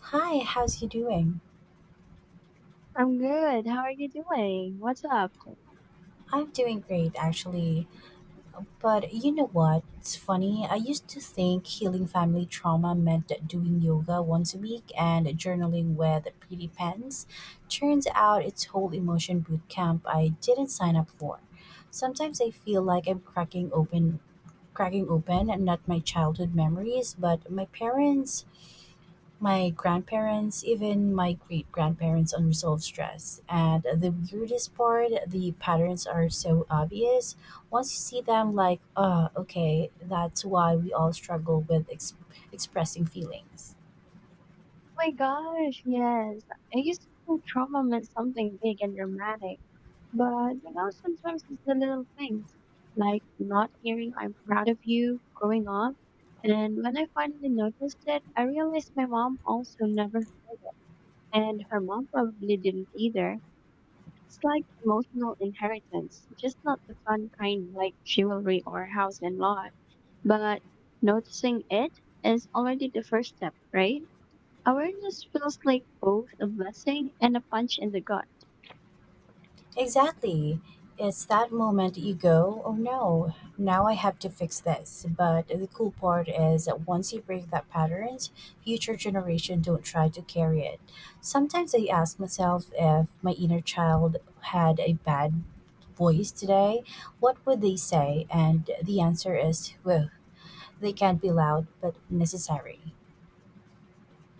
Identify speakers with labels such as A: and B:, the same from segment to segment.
A: Hi, how's you doing?
B: I'm good. How are you doing? What's up? Oh
A: I'm doing great actually. But you know what? It's funny. I used to think healing family trauma meant doing yoga once a week and journaling with pretty pens. Turns out it's whole emotion boot camp I didn't sign up for. Sometimes I feel like I'm cracking open and not my childhood memories, but my parents, my grandparents, even my great grandparents' unresolved stress. And the weirdest part, the patterns are so obvious. Once you see them, like, oh, okay, that's why we all struggle with expressing feelings.
B: my gosh, yes. I used to think trauma meant something big and dramatic, but you know, sometimes it's the little things, like not hearing I'm proud of you growing up. And when I finally noticed it, I realized my mom also never, and her mom probably didn't either. It's like emotional inheritance, just not the fun kind like jewelry or house and lot. But noticing it is already the first step, right? Awareness feels like both a blessing and a punch in the gut.
A: Exactly. It's that moment you go, oh no, now I have to fix this. But the cool part is that once you break that patterns, future generation don't try to carry it. Sometimes I ask myself if my inner child had a bad voice today, what would they say? And the answer is, well, they can be loud but necessary.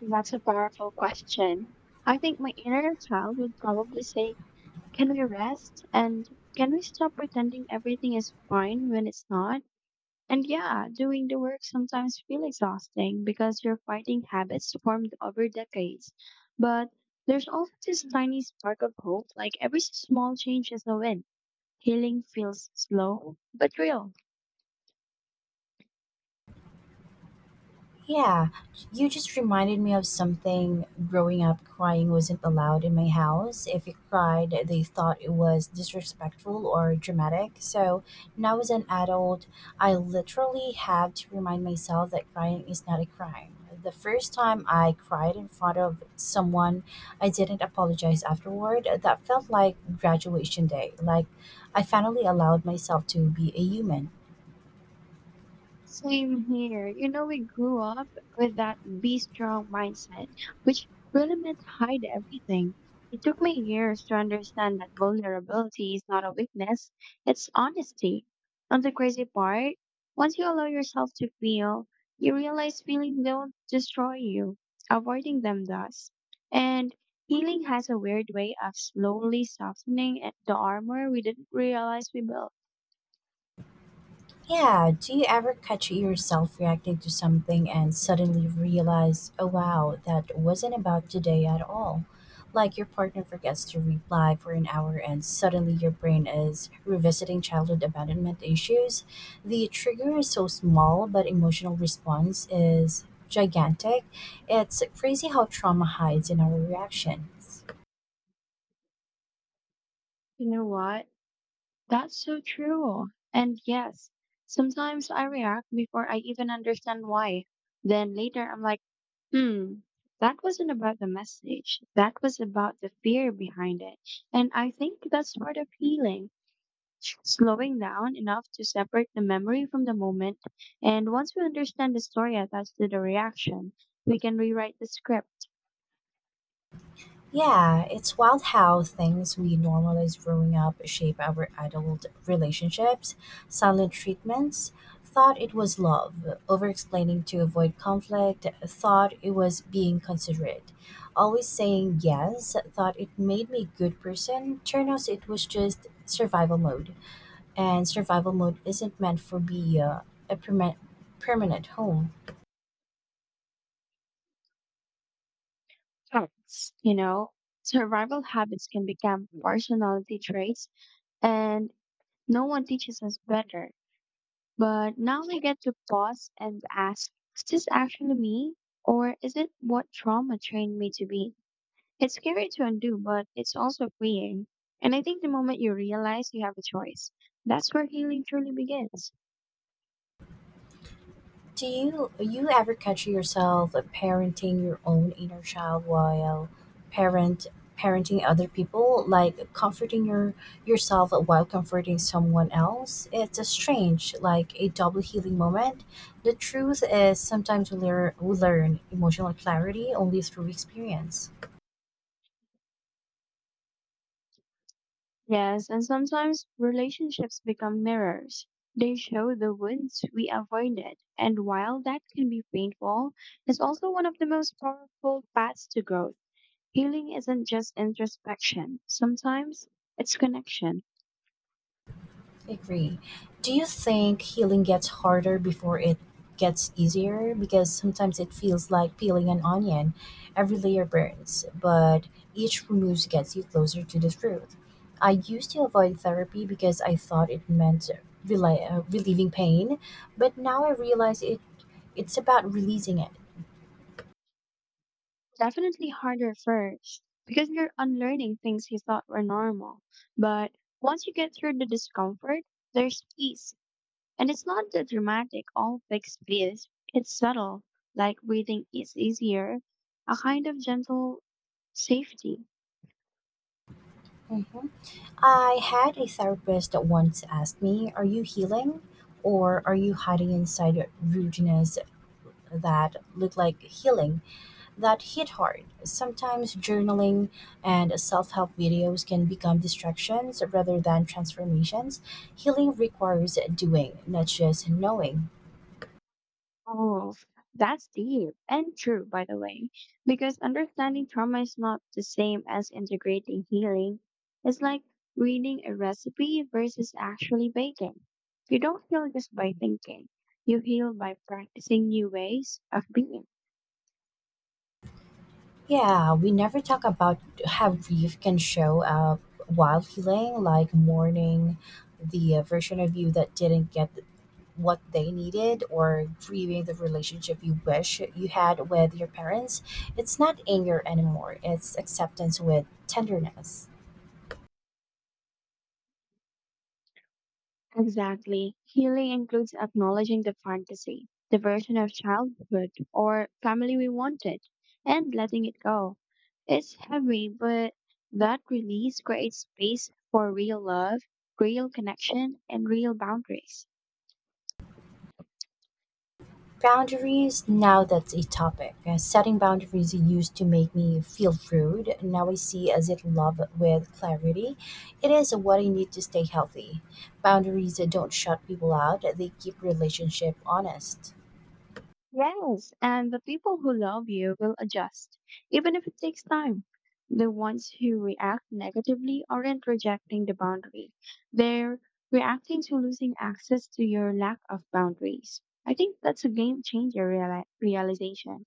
B: That's a powerful question. I think my inner child would probably say, can we rest? And can we stop pretending everything is fine when it's not? And yeah, doing the work sometimes feel exhausting because you're fighting habits formed over decades. But there's also this tiny spark of hope, like every small change is a win. Healing feels slow but real.
A: Yeah, you just reminded me of something. Growing up, crying wasn't allowed in my house. If you cried, they thought it was disrespectful or dramatic. So now, as an adult, I literally have to remind myself that crying is not a crime. The first time I cried in front of someone, I didn't apologize afterward. That felt like graduation day, like I finally allowed myself to be a human.
B: Same here. You know, we grew up with that be strong mindset, which really meant hide everything. It took me years to understand that vulnerability is not a weakness, it's honesty. And the crazy part, once you allow yourself to feel, you realize feelings don't destroy you, avoiding them does. And healing has a weird way of slowly softening the armor we didn't realize we built.
A: Yeah, do you ever catch yourself reacting to something and suddenly realize, oh wow, that wasn't about today at all? Like your partner forgets to reply for an hour and suddenly your brain is revisiting childhood abandonment issues. The trigger is so small, but emotional response is gigantic. It's crazy how trauma hides in our reactions.
B: You know what? That's so true. And yes, sometimes I react before I even understand why. Then later I'm like, hmm, that wasn't about the message. That was about the fear behind it. And I think that's part of healing. Slowing down enough to separate the memory from the moment. And once we understand the story attached to the reaction, we can rewrite the script.
A: Yeah, it's wild how things we normalize growing up shape our adult relationships. Silent treatments thought it was love, over explaining to avoid conflict, thought it was being considerate. Always saying yes, thought it made me a good person, turned out it was just survival mode. And survival mode isn't meant for be a permanent home.
B: Facts. You know, survival habits can become personality traits and no one teaches us better. But now we get to pause and ask, is this actually me? Or is it what trauma trained me to be? It's scary to undo, but it's also freeing. And I think the moment you realize you have a choice, that's where healing truly begins.
A: Do you ever catch yourself parenting your own inner child while parent parenting other people, like comforting yourself while comforting someone else? It's a strange, like a double healing moment. The truth is sometimes we learn emotional clarity only through experience.
B: Yes, and sometimes relationships become mirrors. They show the wounds we avoided. And while that can be painful, it's also one of the most powerful paths to growth. Healing isn't just introspection, sometimes it's connection.
A: Agree. Do you think healing gets harder before it gets easier? Because sometimes it feels like peeling an onion. Every layer burns, but each remove gets you closer to the truth. I used to avoid therapy because I thought it meant relieving pain, but now I realize it's about releasing it.
B: Definitely harder first because you're unlearning things you thought were normal. But once you get through the discomfort, there's peace. And it's not the dramatic, all big space. It's subtle, like breathing is easier, a kind of gentle safety.
A: I had a therapist that once asked me, are you healing? Or are you hiding inside rudeness that look like healing that hit hard. Sometimes journaling and self help videos can become distractions rather than transformations. Healing requires doing, not just knowing.
B: Oh, that's deep and true, by the way, because understanding trauma is not the same as integrating healing. It's like reading a recipe versus actually baking. You don't heal just by thinking, you heal by practicing new ways of being.
A: Yeah, we never talk about how grief can show up while healing, like mourning the version of you that didn't get what they needed or grieving the relationship you wish you had with your parents. It's not anger anymore, it's acceptance with tenderness.
B: Exactly. Healing includes acknowledging the fantasy, the version of childhood or family we wanted, and letting it go. It's heavy, but that release creates space for real love, real connection, and real boundaries.
A: Boundaries, now that's a topic. Setting boundaries used to make me feel rude. Now I see as it love with clarity. It is what I need to stay healthy. Boundaries don't shut people out, they keep relationship honest.
B: Yes, and the people who love you will adjust, even if it takes time. The ones who react negatively aren't rejecting the boundary, they're reacting to losing access to your lack of boundaries. I think that's a game changer realization.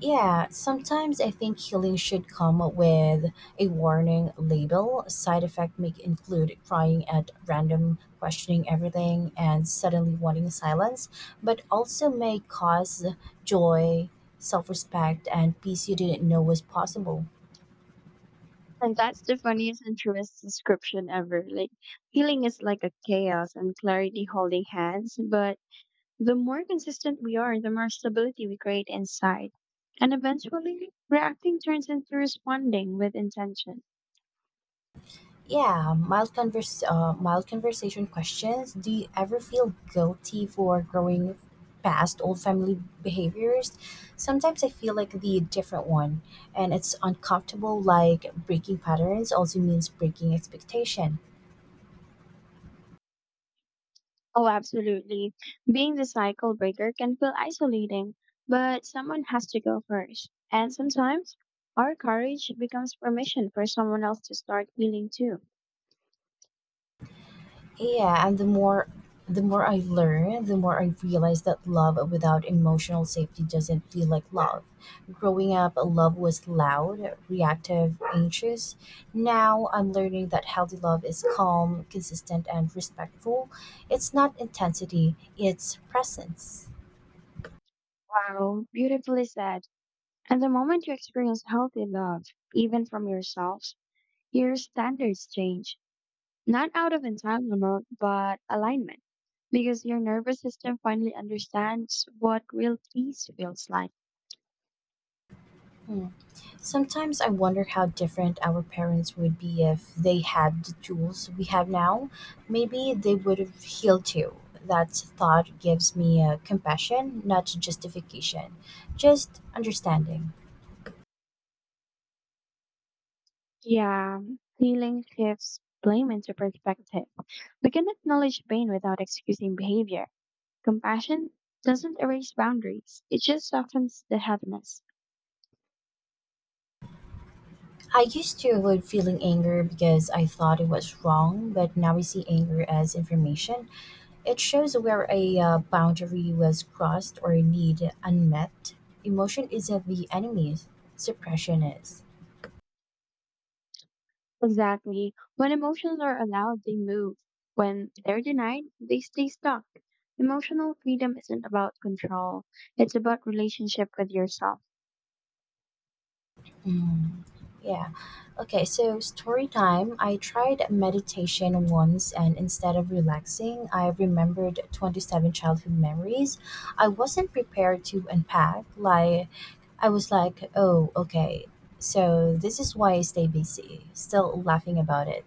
A: Yeah, sometimes I think healing should come with a warning label. Side effect may include crying at random, questioning everything, and suddenly wanting silence, but also may cause joy, self respect, and peace you didn't know was possible.
B: And that's the funniest and truest description ever. Like, healing is like a chaos and clarity holding hands, but the more consistent we are, the more stability we create inside. And eventually, reacting turns into responding with intention.
A: Yeah, mild conversation questions. Do you ever feel guilty for growing past old family behaviors? Sometimes I feel like the different one, and it's uncomfortable. Like breaking patterns also means breaking expectation.
B: Oh, absolutely. Being the cycle breaker can feel isolating, but someone has to go first. And sometimes, our courage becomes permission for someone else to start healing too.
A: Yeah, and the more I learn, the more I realize that love without emotional safety doesn't feel like love. Growing up, love was loud, reactive, anxious. Now I'm learning that healthy love is calm, consistent, and respectful. It's not intensity, it's presence.
B: Wow, beautifully said. And the moment you experience healthy love, even from yourselves, your standards change, not out of entanglement, but alignment, because your nervous system finally understands what real peace feels like.
A: Sometimes I wonder how different our parents would be if they had the tools we have now. Maybe they would have healed too. That thought gives me compassion, not justification, just understanding.
B: Yeah, healing shifts blame into perspective. We can acknowledge pain without excusing behavior. Compassion doesn't erase boundaries, it just softens the heaviness.
A: I used to avoid feeling anger because I thought it was wrong, but now I see anger as information. It shows where a boundary was crossed or a need unmet. Emotion isn't the enemy, suppression is.
B: Exactly. When emotions are allowed, they move. When they're denied, they stay stuck. Emotional freedom isn't about control, it's about relationship with yourself.
A: Yeah. Okay, so story time. I tried meditation once, and instead of relaxing, I remembered 27 childhood memories I wasn't prepared to unpack. Like, I was like, oh, okay, so this is why I stay busy, still laughing about it.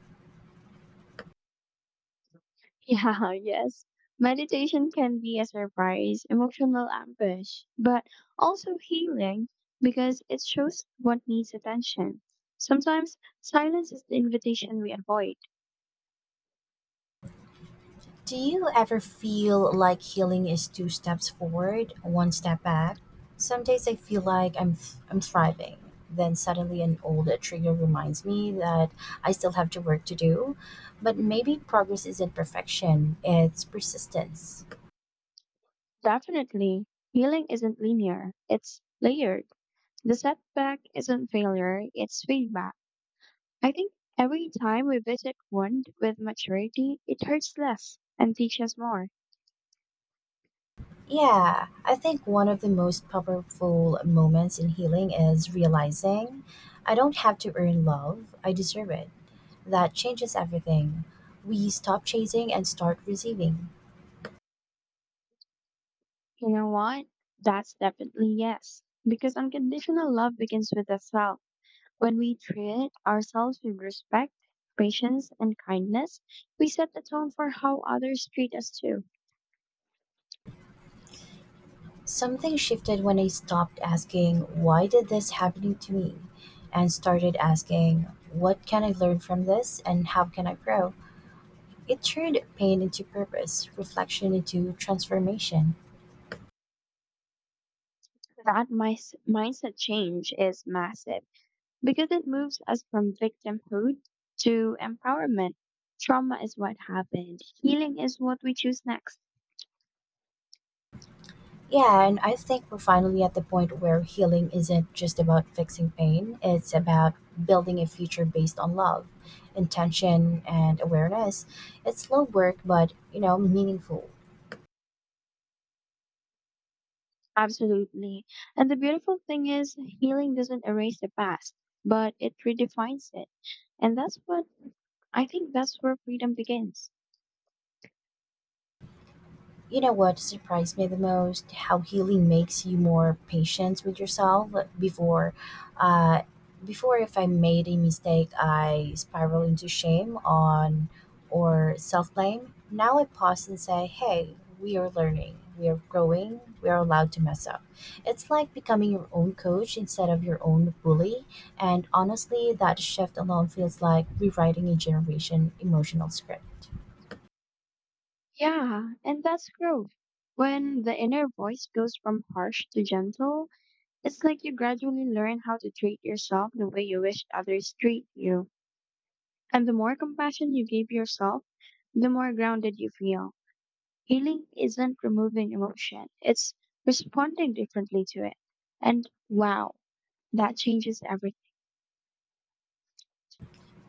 B: Yeah, yes. Meditation can be a surprise, emotional ambush, but also healing because it shows what needs attention. Sometimes silence is the invitation we avoid.
A: Do you ever feel like healing is two steps forward, one step back? Some days I feel like I'm thriving, then suddenly an old trigger reminds me that I still have to work to do. But maybe progress isn't perfection, it's persistence.
B: Definitely, healing isn't linear, it's layered. The setback isn't failure, it's feedback. I think every time we visit wound with maturity, it hurts less and teaches more.
A: Yeah, I think one of the most powerful moments in healing is realizing I don't have to earn love, I deserve it. That changes everything. We stop chasing and start receiving.
B: You know what? That's definitely yes. Because unconditional love begins with the self. When we treat ourselves with respect, patience, and kindness, we set the tone for how others treat us too.
A: Something shifted when I stopped asking, why did this happen to me? And started asking, what can I learn from this and how can I grow? It turned pain into purpose, reflection into transformation.
B: That mindset change is massive because it moves us from victimhood to empowerment. Trauma is what happened. Healing is what we choose next.
A: Yeah, and I think we're finally at the point where healing isn't just about fixing pain, it's about building a future based on love, intention, and awareness. It's slow work, but, you know, meaningful.
B: Absolutely. And the beautiful thing is, healing doesn't erase the past, but it redefines it. And that's what I think that's where freedom begins.
A: You know what surprised me the most? How healing makes you more patient with yourself. Before, uh, Before if I made a mistake, I spiral into shame on or self blame. Now I pause and say, "Hey, we are learning. We are growing. We are allowed to mess up." It's like becoming your own coach instead of your own bully. And honestly, that shift alone feels like rewriting a generation emotional script.
B: Yeah, and that's growth. When the inner voice goes from harsh to gentle, it's like you gradually learn how to treat yourself the way you wish others treat you. And the more compassion you give yourself, the more grounded you feel. Healing isn't removing emotion, it's responding differently to it. And wow. That changes everything.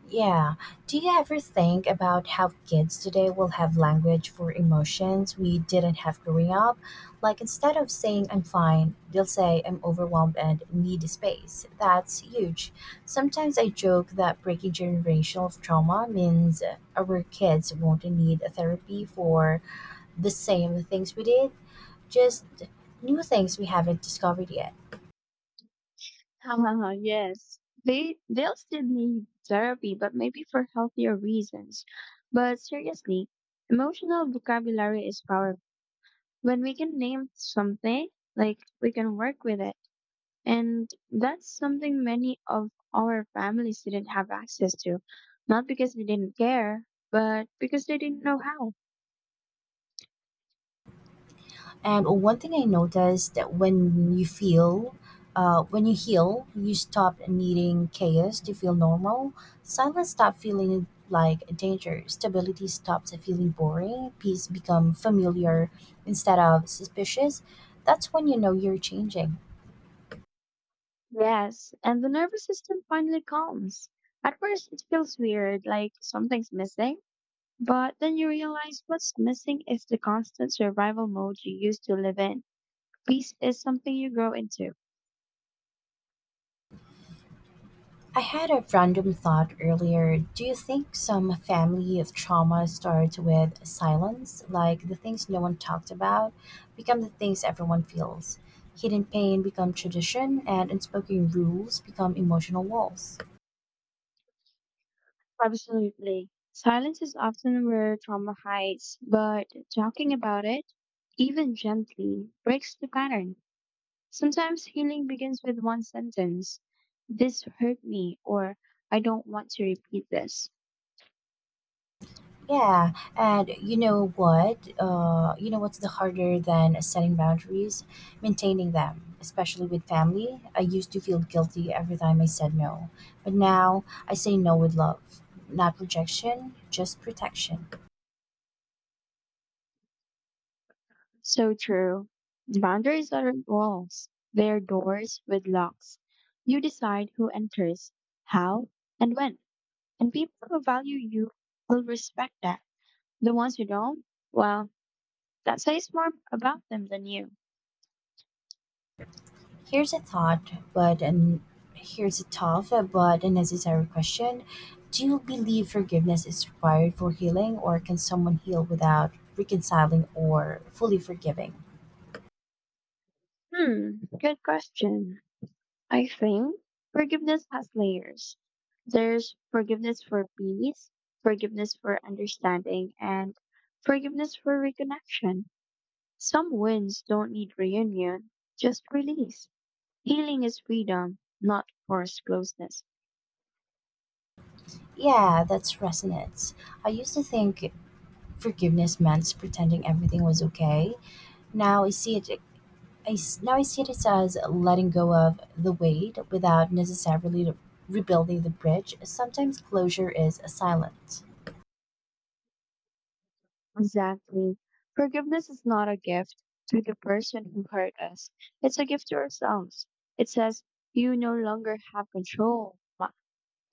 A: Yeah. Do you ever think about how kids today will have language for emotions we didn't have growing up? Like instead of saying I'm fine, they'll say I'm overwhelmed and need space. That's huge. Sometimes I joke that breaking generational trauma means our kids won't need a therapy for the same things we did, just new things we haven't discovered yet.
B: yes. They'll still need therapy, but maybe for healthier reasons. But seriously, emotional vocabulary is powerful. When we can name something, like we can work with it. And that's something many of our families didn't have access to. Not because they didn't care, but because they didn't know how.
A: And one thing I noticed that when when you heal, you stop needing chaos to feel normal. Silence stop feeling like a danger. Stability stops feeling boring. Peace become familiar instead of suspicious. That's when you know you're changing.
B: Yes, and the nervous system finally calms. At first, it feels weird, like something's missing. But then you realize what's missing is the constant survival mode you used to live in. Peace is something you grow into.
A: I had a random thought earlier. Do you think some family of trauma starts with silence, like the things no one talked about become the things everyone feels? Hidden pain become tradition, and unspoken rules become emotional walls.
B: Absolutely. Silence is often where trauma hides, but talking about it, even gently, breaks the pattern. Sometimes healing begins with one sentence: this hurt me, or I don't want to repeat this.
A: Yeah, and you know what? You know what's the harder than setting boundaries? Maintaining them, especially with family. I used to feel guilty every time I said no, but now I say no with love, not rejection, just protection.
B: So true. Boundaries aren't walls, they're doors with locks. You decide who enters, how, and when. And people who value you will respect that. The ones who don't, well, that says more about them than you.
A: Here's a thought, but and Here's a tough but a necessary question: do you believe forgiveness is required for healing, or can someone heal without reconciling or fully forgiving?
B: Hmm, good question. I think forgiveness has layers. There's forgiveness for peace, forgiveness for understanding, and forgiveness for reconnection. Some wounds don't need reunion, just release. Healing is freedom, not forced closeness.
A: Yeah, that's resonance. I used to think forgiveness meant pretending everything was okay. Now I see it. Now I see it as letting go of the weight without necessarily rebuilding the bridge. Sometimes closure is silent.
B: Exactly. Forgiveness is not a gift to the person who hurt us, it's a gift to ourselves. It says, you no longer have control.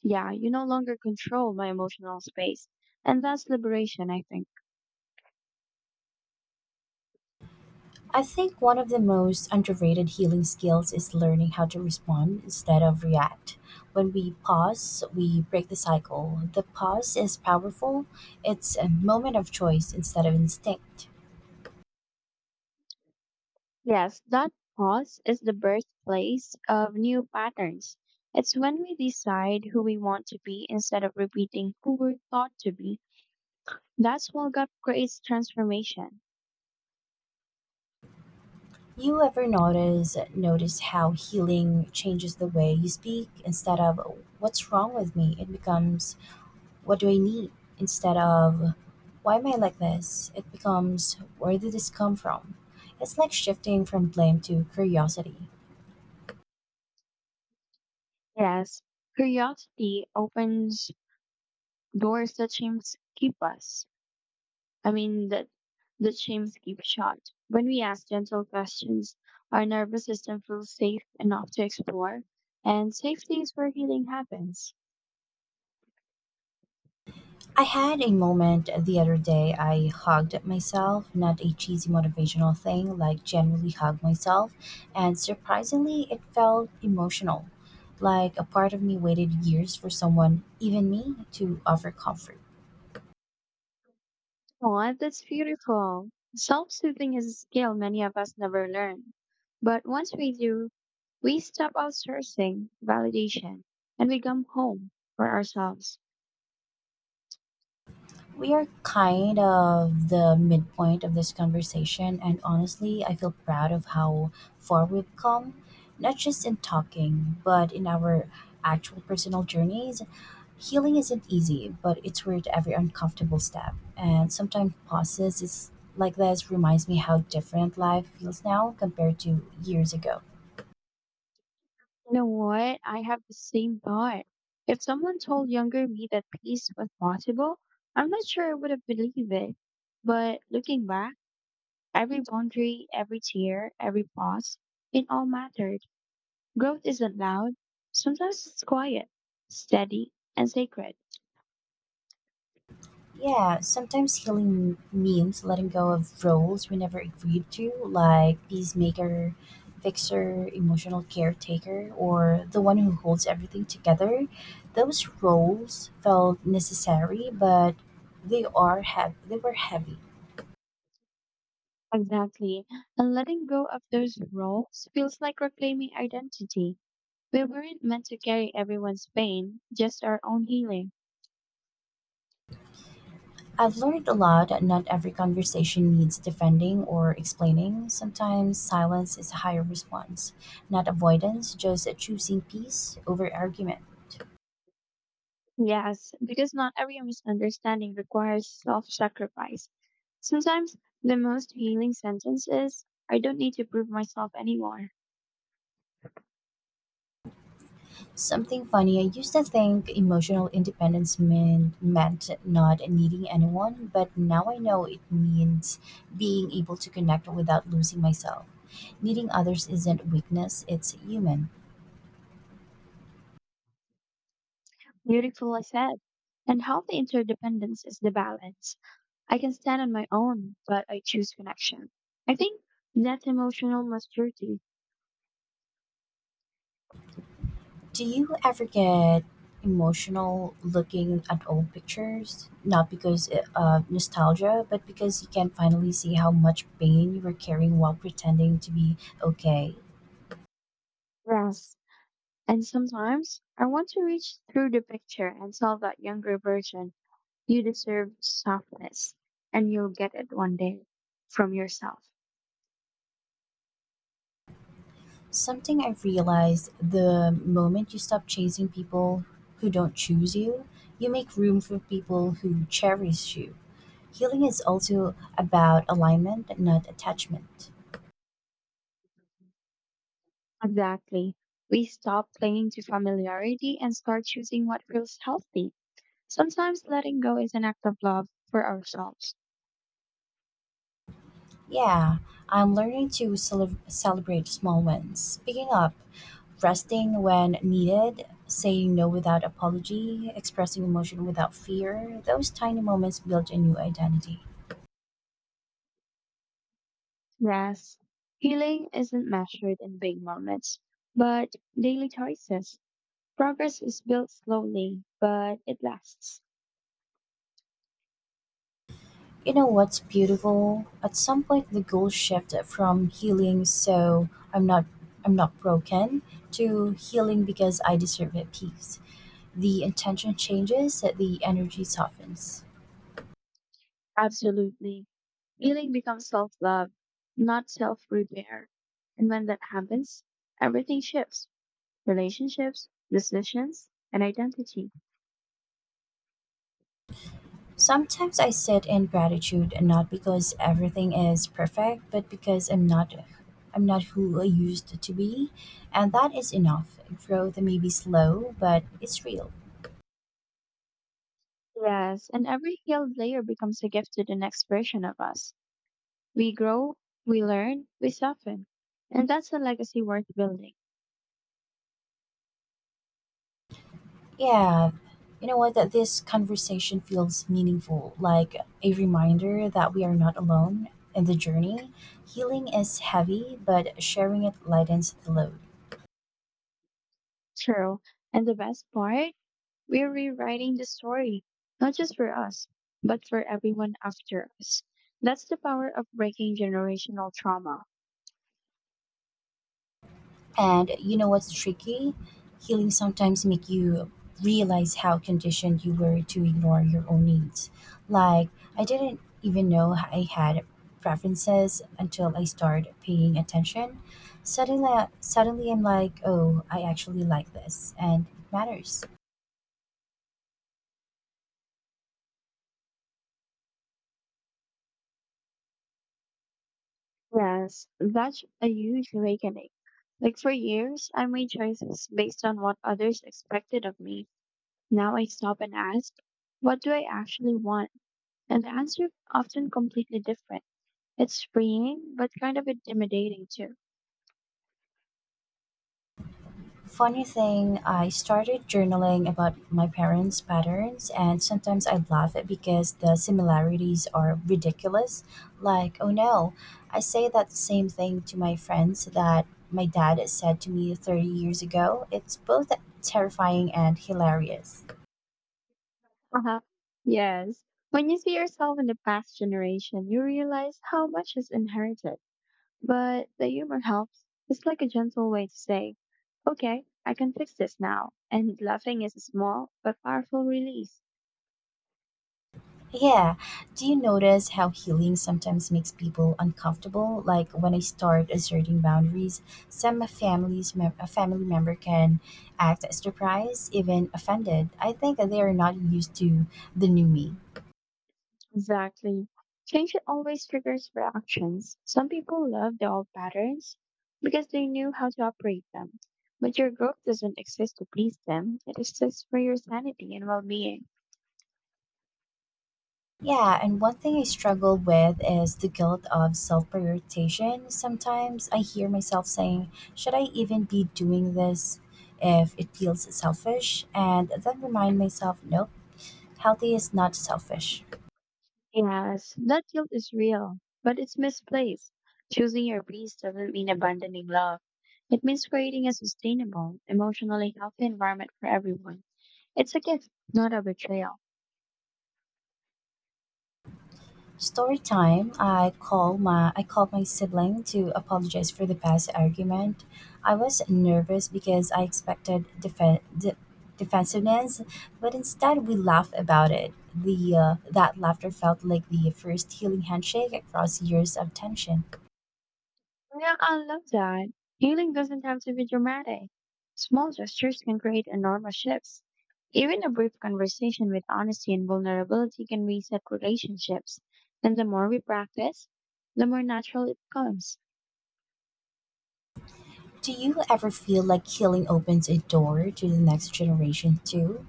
B: Yeah, you no longer control my emotional space. And that's liberation, I think.
A: I think one of the most underrated healing skills is learning how to respond instead of react. When we pause, we break the cycle. The pause is powerful. It's a moment of choice instead of instinct.
B: Yes, that pause is the birthplace of new patterns. It's when we decide who we want to be instead of repeating who we're thought to be. That small gap creates transformation.
A: You ever notice how healing changes the way you speak? Instead of what's wrong with me, it becomes what do I need? Instead of why am I like this? It becomes where did this come from? It's like shifting from blame to curiosity.
B: Yes, curiosity opens doors that shames keep us. That the shames keep shut. When we ask gentle questions, our nervous system feels safe enough to explore, and safety is where healing happens.
A: I had a moment the other day. I hugged myself, not a cheesy motivational thing, like genuinely hugged myself. And surprisingly, it felt emotional. Like a part of me waited years for someone, even me, to offer comfort.
B: Oh, that's beautiful. Self-soothing is a skill many of us never learn. But once we do, we stop outsourcing validation and we come home for ourselves.
A: We are kind of the midpoint of this conversation, and honestly, I feel proud of how far we've come, not just in talking, but in our actual personal journeys. Healing isn't easy, but it's worth every uncomfortable step. And sometimes pauses is like this reminds me how different life feels now compared to years ago.
B: You know what? I have the same thought. If someone told younger me that peace was possible, I'm not sure I would have believed it. But looking back, every boundary, every tear, every pause, it all mattered. Growth isn't loud. Sometimes it's quiet, steady, and sacred.
A: Yeah, sometimes healing means letting go of roles we never agreed to, like peacemaker, fixer, emotional caretaker, or the one who holds everything together. Those roles felt necessary, but they are heavy. they were heavy.
B: Exactly. And letting go of those roles feels like reclaiming identity. We weren't meant to carry everyone's pain, just our own healing.
A: I've learned a lot that not every conversation needs defending or explaining. Sometimes silence is a higher response, not avoidance, just choosing peace over argument.
B: Yes, because not every misunderstanding requires self sacrifice. Sometimes the most healing sentence is, I don't need to prove myself anymore.
A: Something funny, I used to think emotional independence meant not needing anyone, but now I know it means being able to connect without losing myself. Needing others isn't weakness, it's human.
B: Beautiful, I said. And healthy interdependence is the balance. I can stand on my own, but I choose connection. I think that's emotional maturity.
A: Do you ever get emotional looking at old pictures? Not because of nostalgia, but because you can finally see how much pain you were carrying while pretending to be okay.
B: Yes. And sometimes I want to reach through the picture and tell that younger version you deserve softness and you'll get it one day from yourself.
A: Something I realized: the moment you stop chasing people who don't choose you, you make room for people who cherish you. Healing is also about alignment, not attachment.
B: Exactly. We stop clinging to familiarity and start choosing what feels healthy. Sometimes letting go is an act of love for ourselves.
A: Yeah, I'm learning to celebrate small wins, picking up, resting when needed, saying no without apology, expressing emotion without fear. Those tiny moments build a new identity.
B: Yes, healing isn't measured in big moments, but daily choices. Progress is built slowly, but it lasts.
A: You know what's beautiful? At some point the goal shifted from healing so I'm not broken to healing because I deserve it peace. The intention changes, the energy softens.
B: Absolutely. Healing becomes self love, not self repair. And when that happens, everything shifts relationships, decisions, and identity.
A: Sometimes I sit in gratitude, and not because everything is perfect, but because I'm not who I used to be, and that is enough. Growth may be slow, but it's real.
B: Yes, and every healed layer becomes a gift to the next version of us. We grow, we learn, we soften. And that's a legacy worth building.
A: Yeah, you know what? That this conversation feels meaningful, like a reminder that we are not alone in the journey. Healing is heavy, but sharing it lightens the load.
B: True. And the best part, we're rewriting the story, not just for us, but for everyone after us. That's the power of breaking generational trauma.
A: And you know what's tricky? Healing sometimes make you realize how conditioned you were to ignore your own needs. Like, I didn't even know I had preferences until I started paying attention. Suddenly I'm like, oh, I actually like this, and it matters.
B: Yes, that's a huge awakening. Like for years, I made choices based on what others expected of me. Now I stop and ask, what do I actually want? And the answer often completely different. It's freeing, but kind of intimidating too.
A: Funny thing, I started journaling about my parents' patterns, and sometimes I laugh at because the similarities are ridiculous. Like, oh no, I say that same thing to my friends that my dad said to me 30 years ago. It's both terrifying and hilarious.
B: Uh-huh. Yes. When you see yourself in the past generation, you realize how much is inherited. But the humor helps. It's like a gentle way to say, okay, I can fix this now. And laughing is a small but powerful release.
A: Yeah. Do you notice how healing sometimes makes people uncomfortable? Like when I start asserting boundaries, some families, a family member can act surprised, even offended. I think they are not used to the new me.
B: Exactly. Change always triggers reactions. Some people love the old patterns because they knew how to operate them. But your growth doesn't exist to please them, it exists for your sanity and well being.
A: Yeah, and one thing I struggle with is the guilt of self prioritization. Sometimes I hear myself saying, "Should I even be doing this if it feels selfish?" And then remind myself, nope, healthy is not selfish.
B: Yes, that guilt is real, but it's misplaced. Choosing your peace doesn't mean abandoning love. It means creating a sustainable, emotionally healthy environment for everyone. It's a gift, not a betrayal.
A: Story time. I called my sibling to apologize for the past argument. I was nervous because I expected defensiveness, but instead we laughed about it. The That laughter felt like the first healing handshake across years of tension.
B: Yeah, I love that. Healing doesn't have to be dramatic. Small gestures can create enormous shifts. Even a brief conversation with honesty and vulnerability can reset relationships. And the more we practice, the more natural it becomes.
A: Do you ever feel like healing opens a door to the next generation too?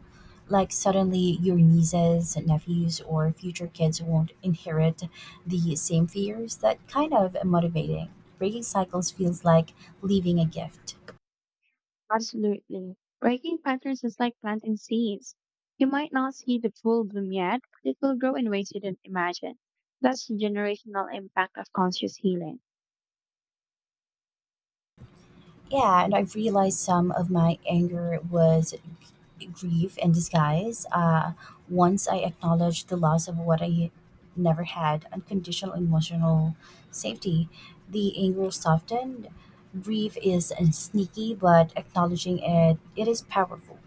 A: Like suddenly your nieces, nephews, or future kids won't inherit the same fears? That kind of motivating. Breaking cycles feels like leaving a gift.
B: Absolutely. Breaking patterns is like planting seeds. You might not see the full bloom yet, but it will grow in ways you didn't imagine. That's the generational impact of conscious healing.
A: Yeah, and I realized some of my anger was grief in disguise. Once I acknowledged the loss of what I never had, unconditional emotional safety, the anger softened. Grief is sneaky, but acknowledging it, it is powerful.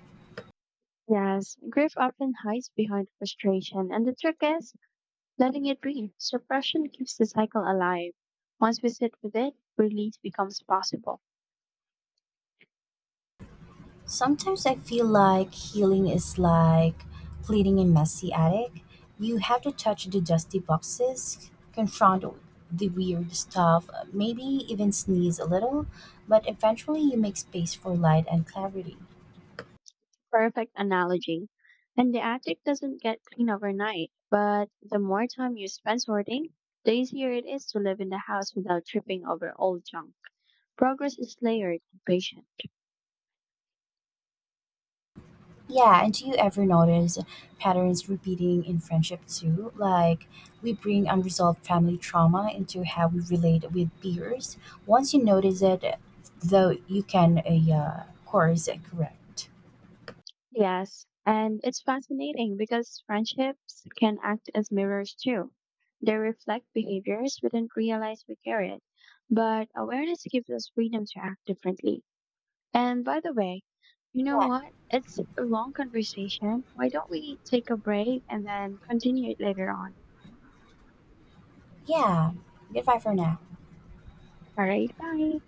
B: Yes, grief often hides behind frustration, and the trick is letting it breathe. Suppression keeps the cycle alive. Once we sit with it, release becomes possible.
A: Sometimes I feel like healing is like cleaning a messy attic. You have to touch the dusty boxes, confront the weird stuff, maybe even sneeze a little, but eventually you make space for light and clarity.
B: Perfect analogy. And the attic doesn't get clean overnight, but the more time you spend sorting, the easier it is to live in the house without tripping over old junk. Progress is layered and patient.
A: Yeah, and do you ever notice patterns repeating in friendship too? Like we bring unresolved family trauma into how we relate with peers. Once you notice it, though, you can, of course, correct.
B: Yes, and it's fascinating because friendships can act as mirrors too. They reflect behaviors we didn't realize we carried, but awareness gives us freedom to act differently. And by the way, you know
A: Yeah,
B: what? It's a long conversation. Why don't we take a break and then continue it later on?
A: Yeah. Goodbye for now.
B: All right, bye.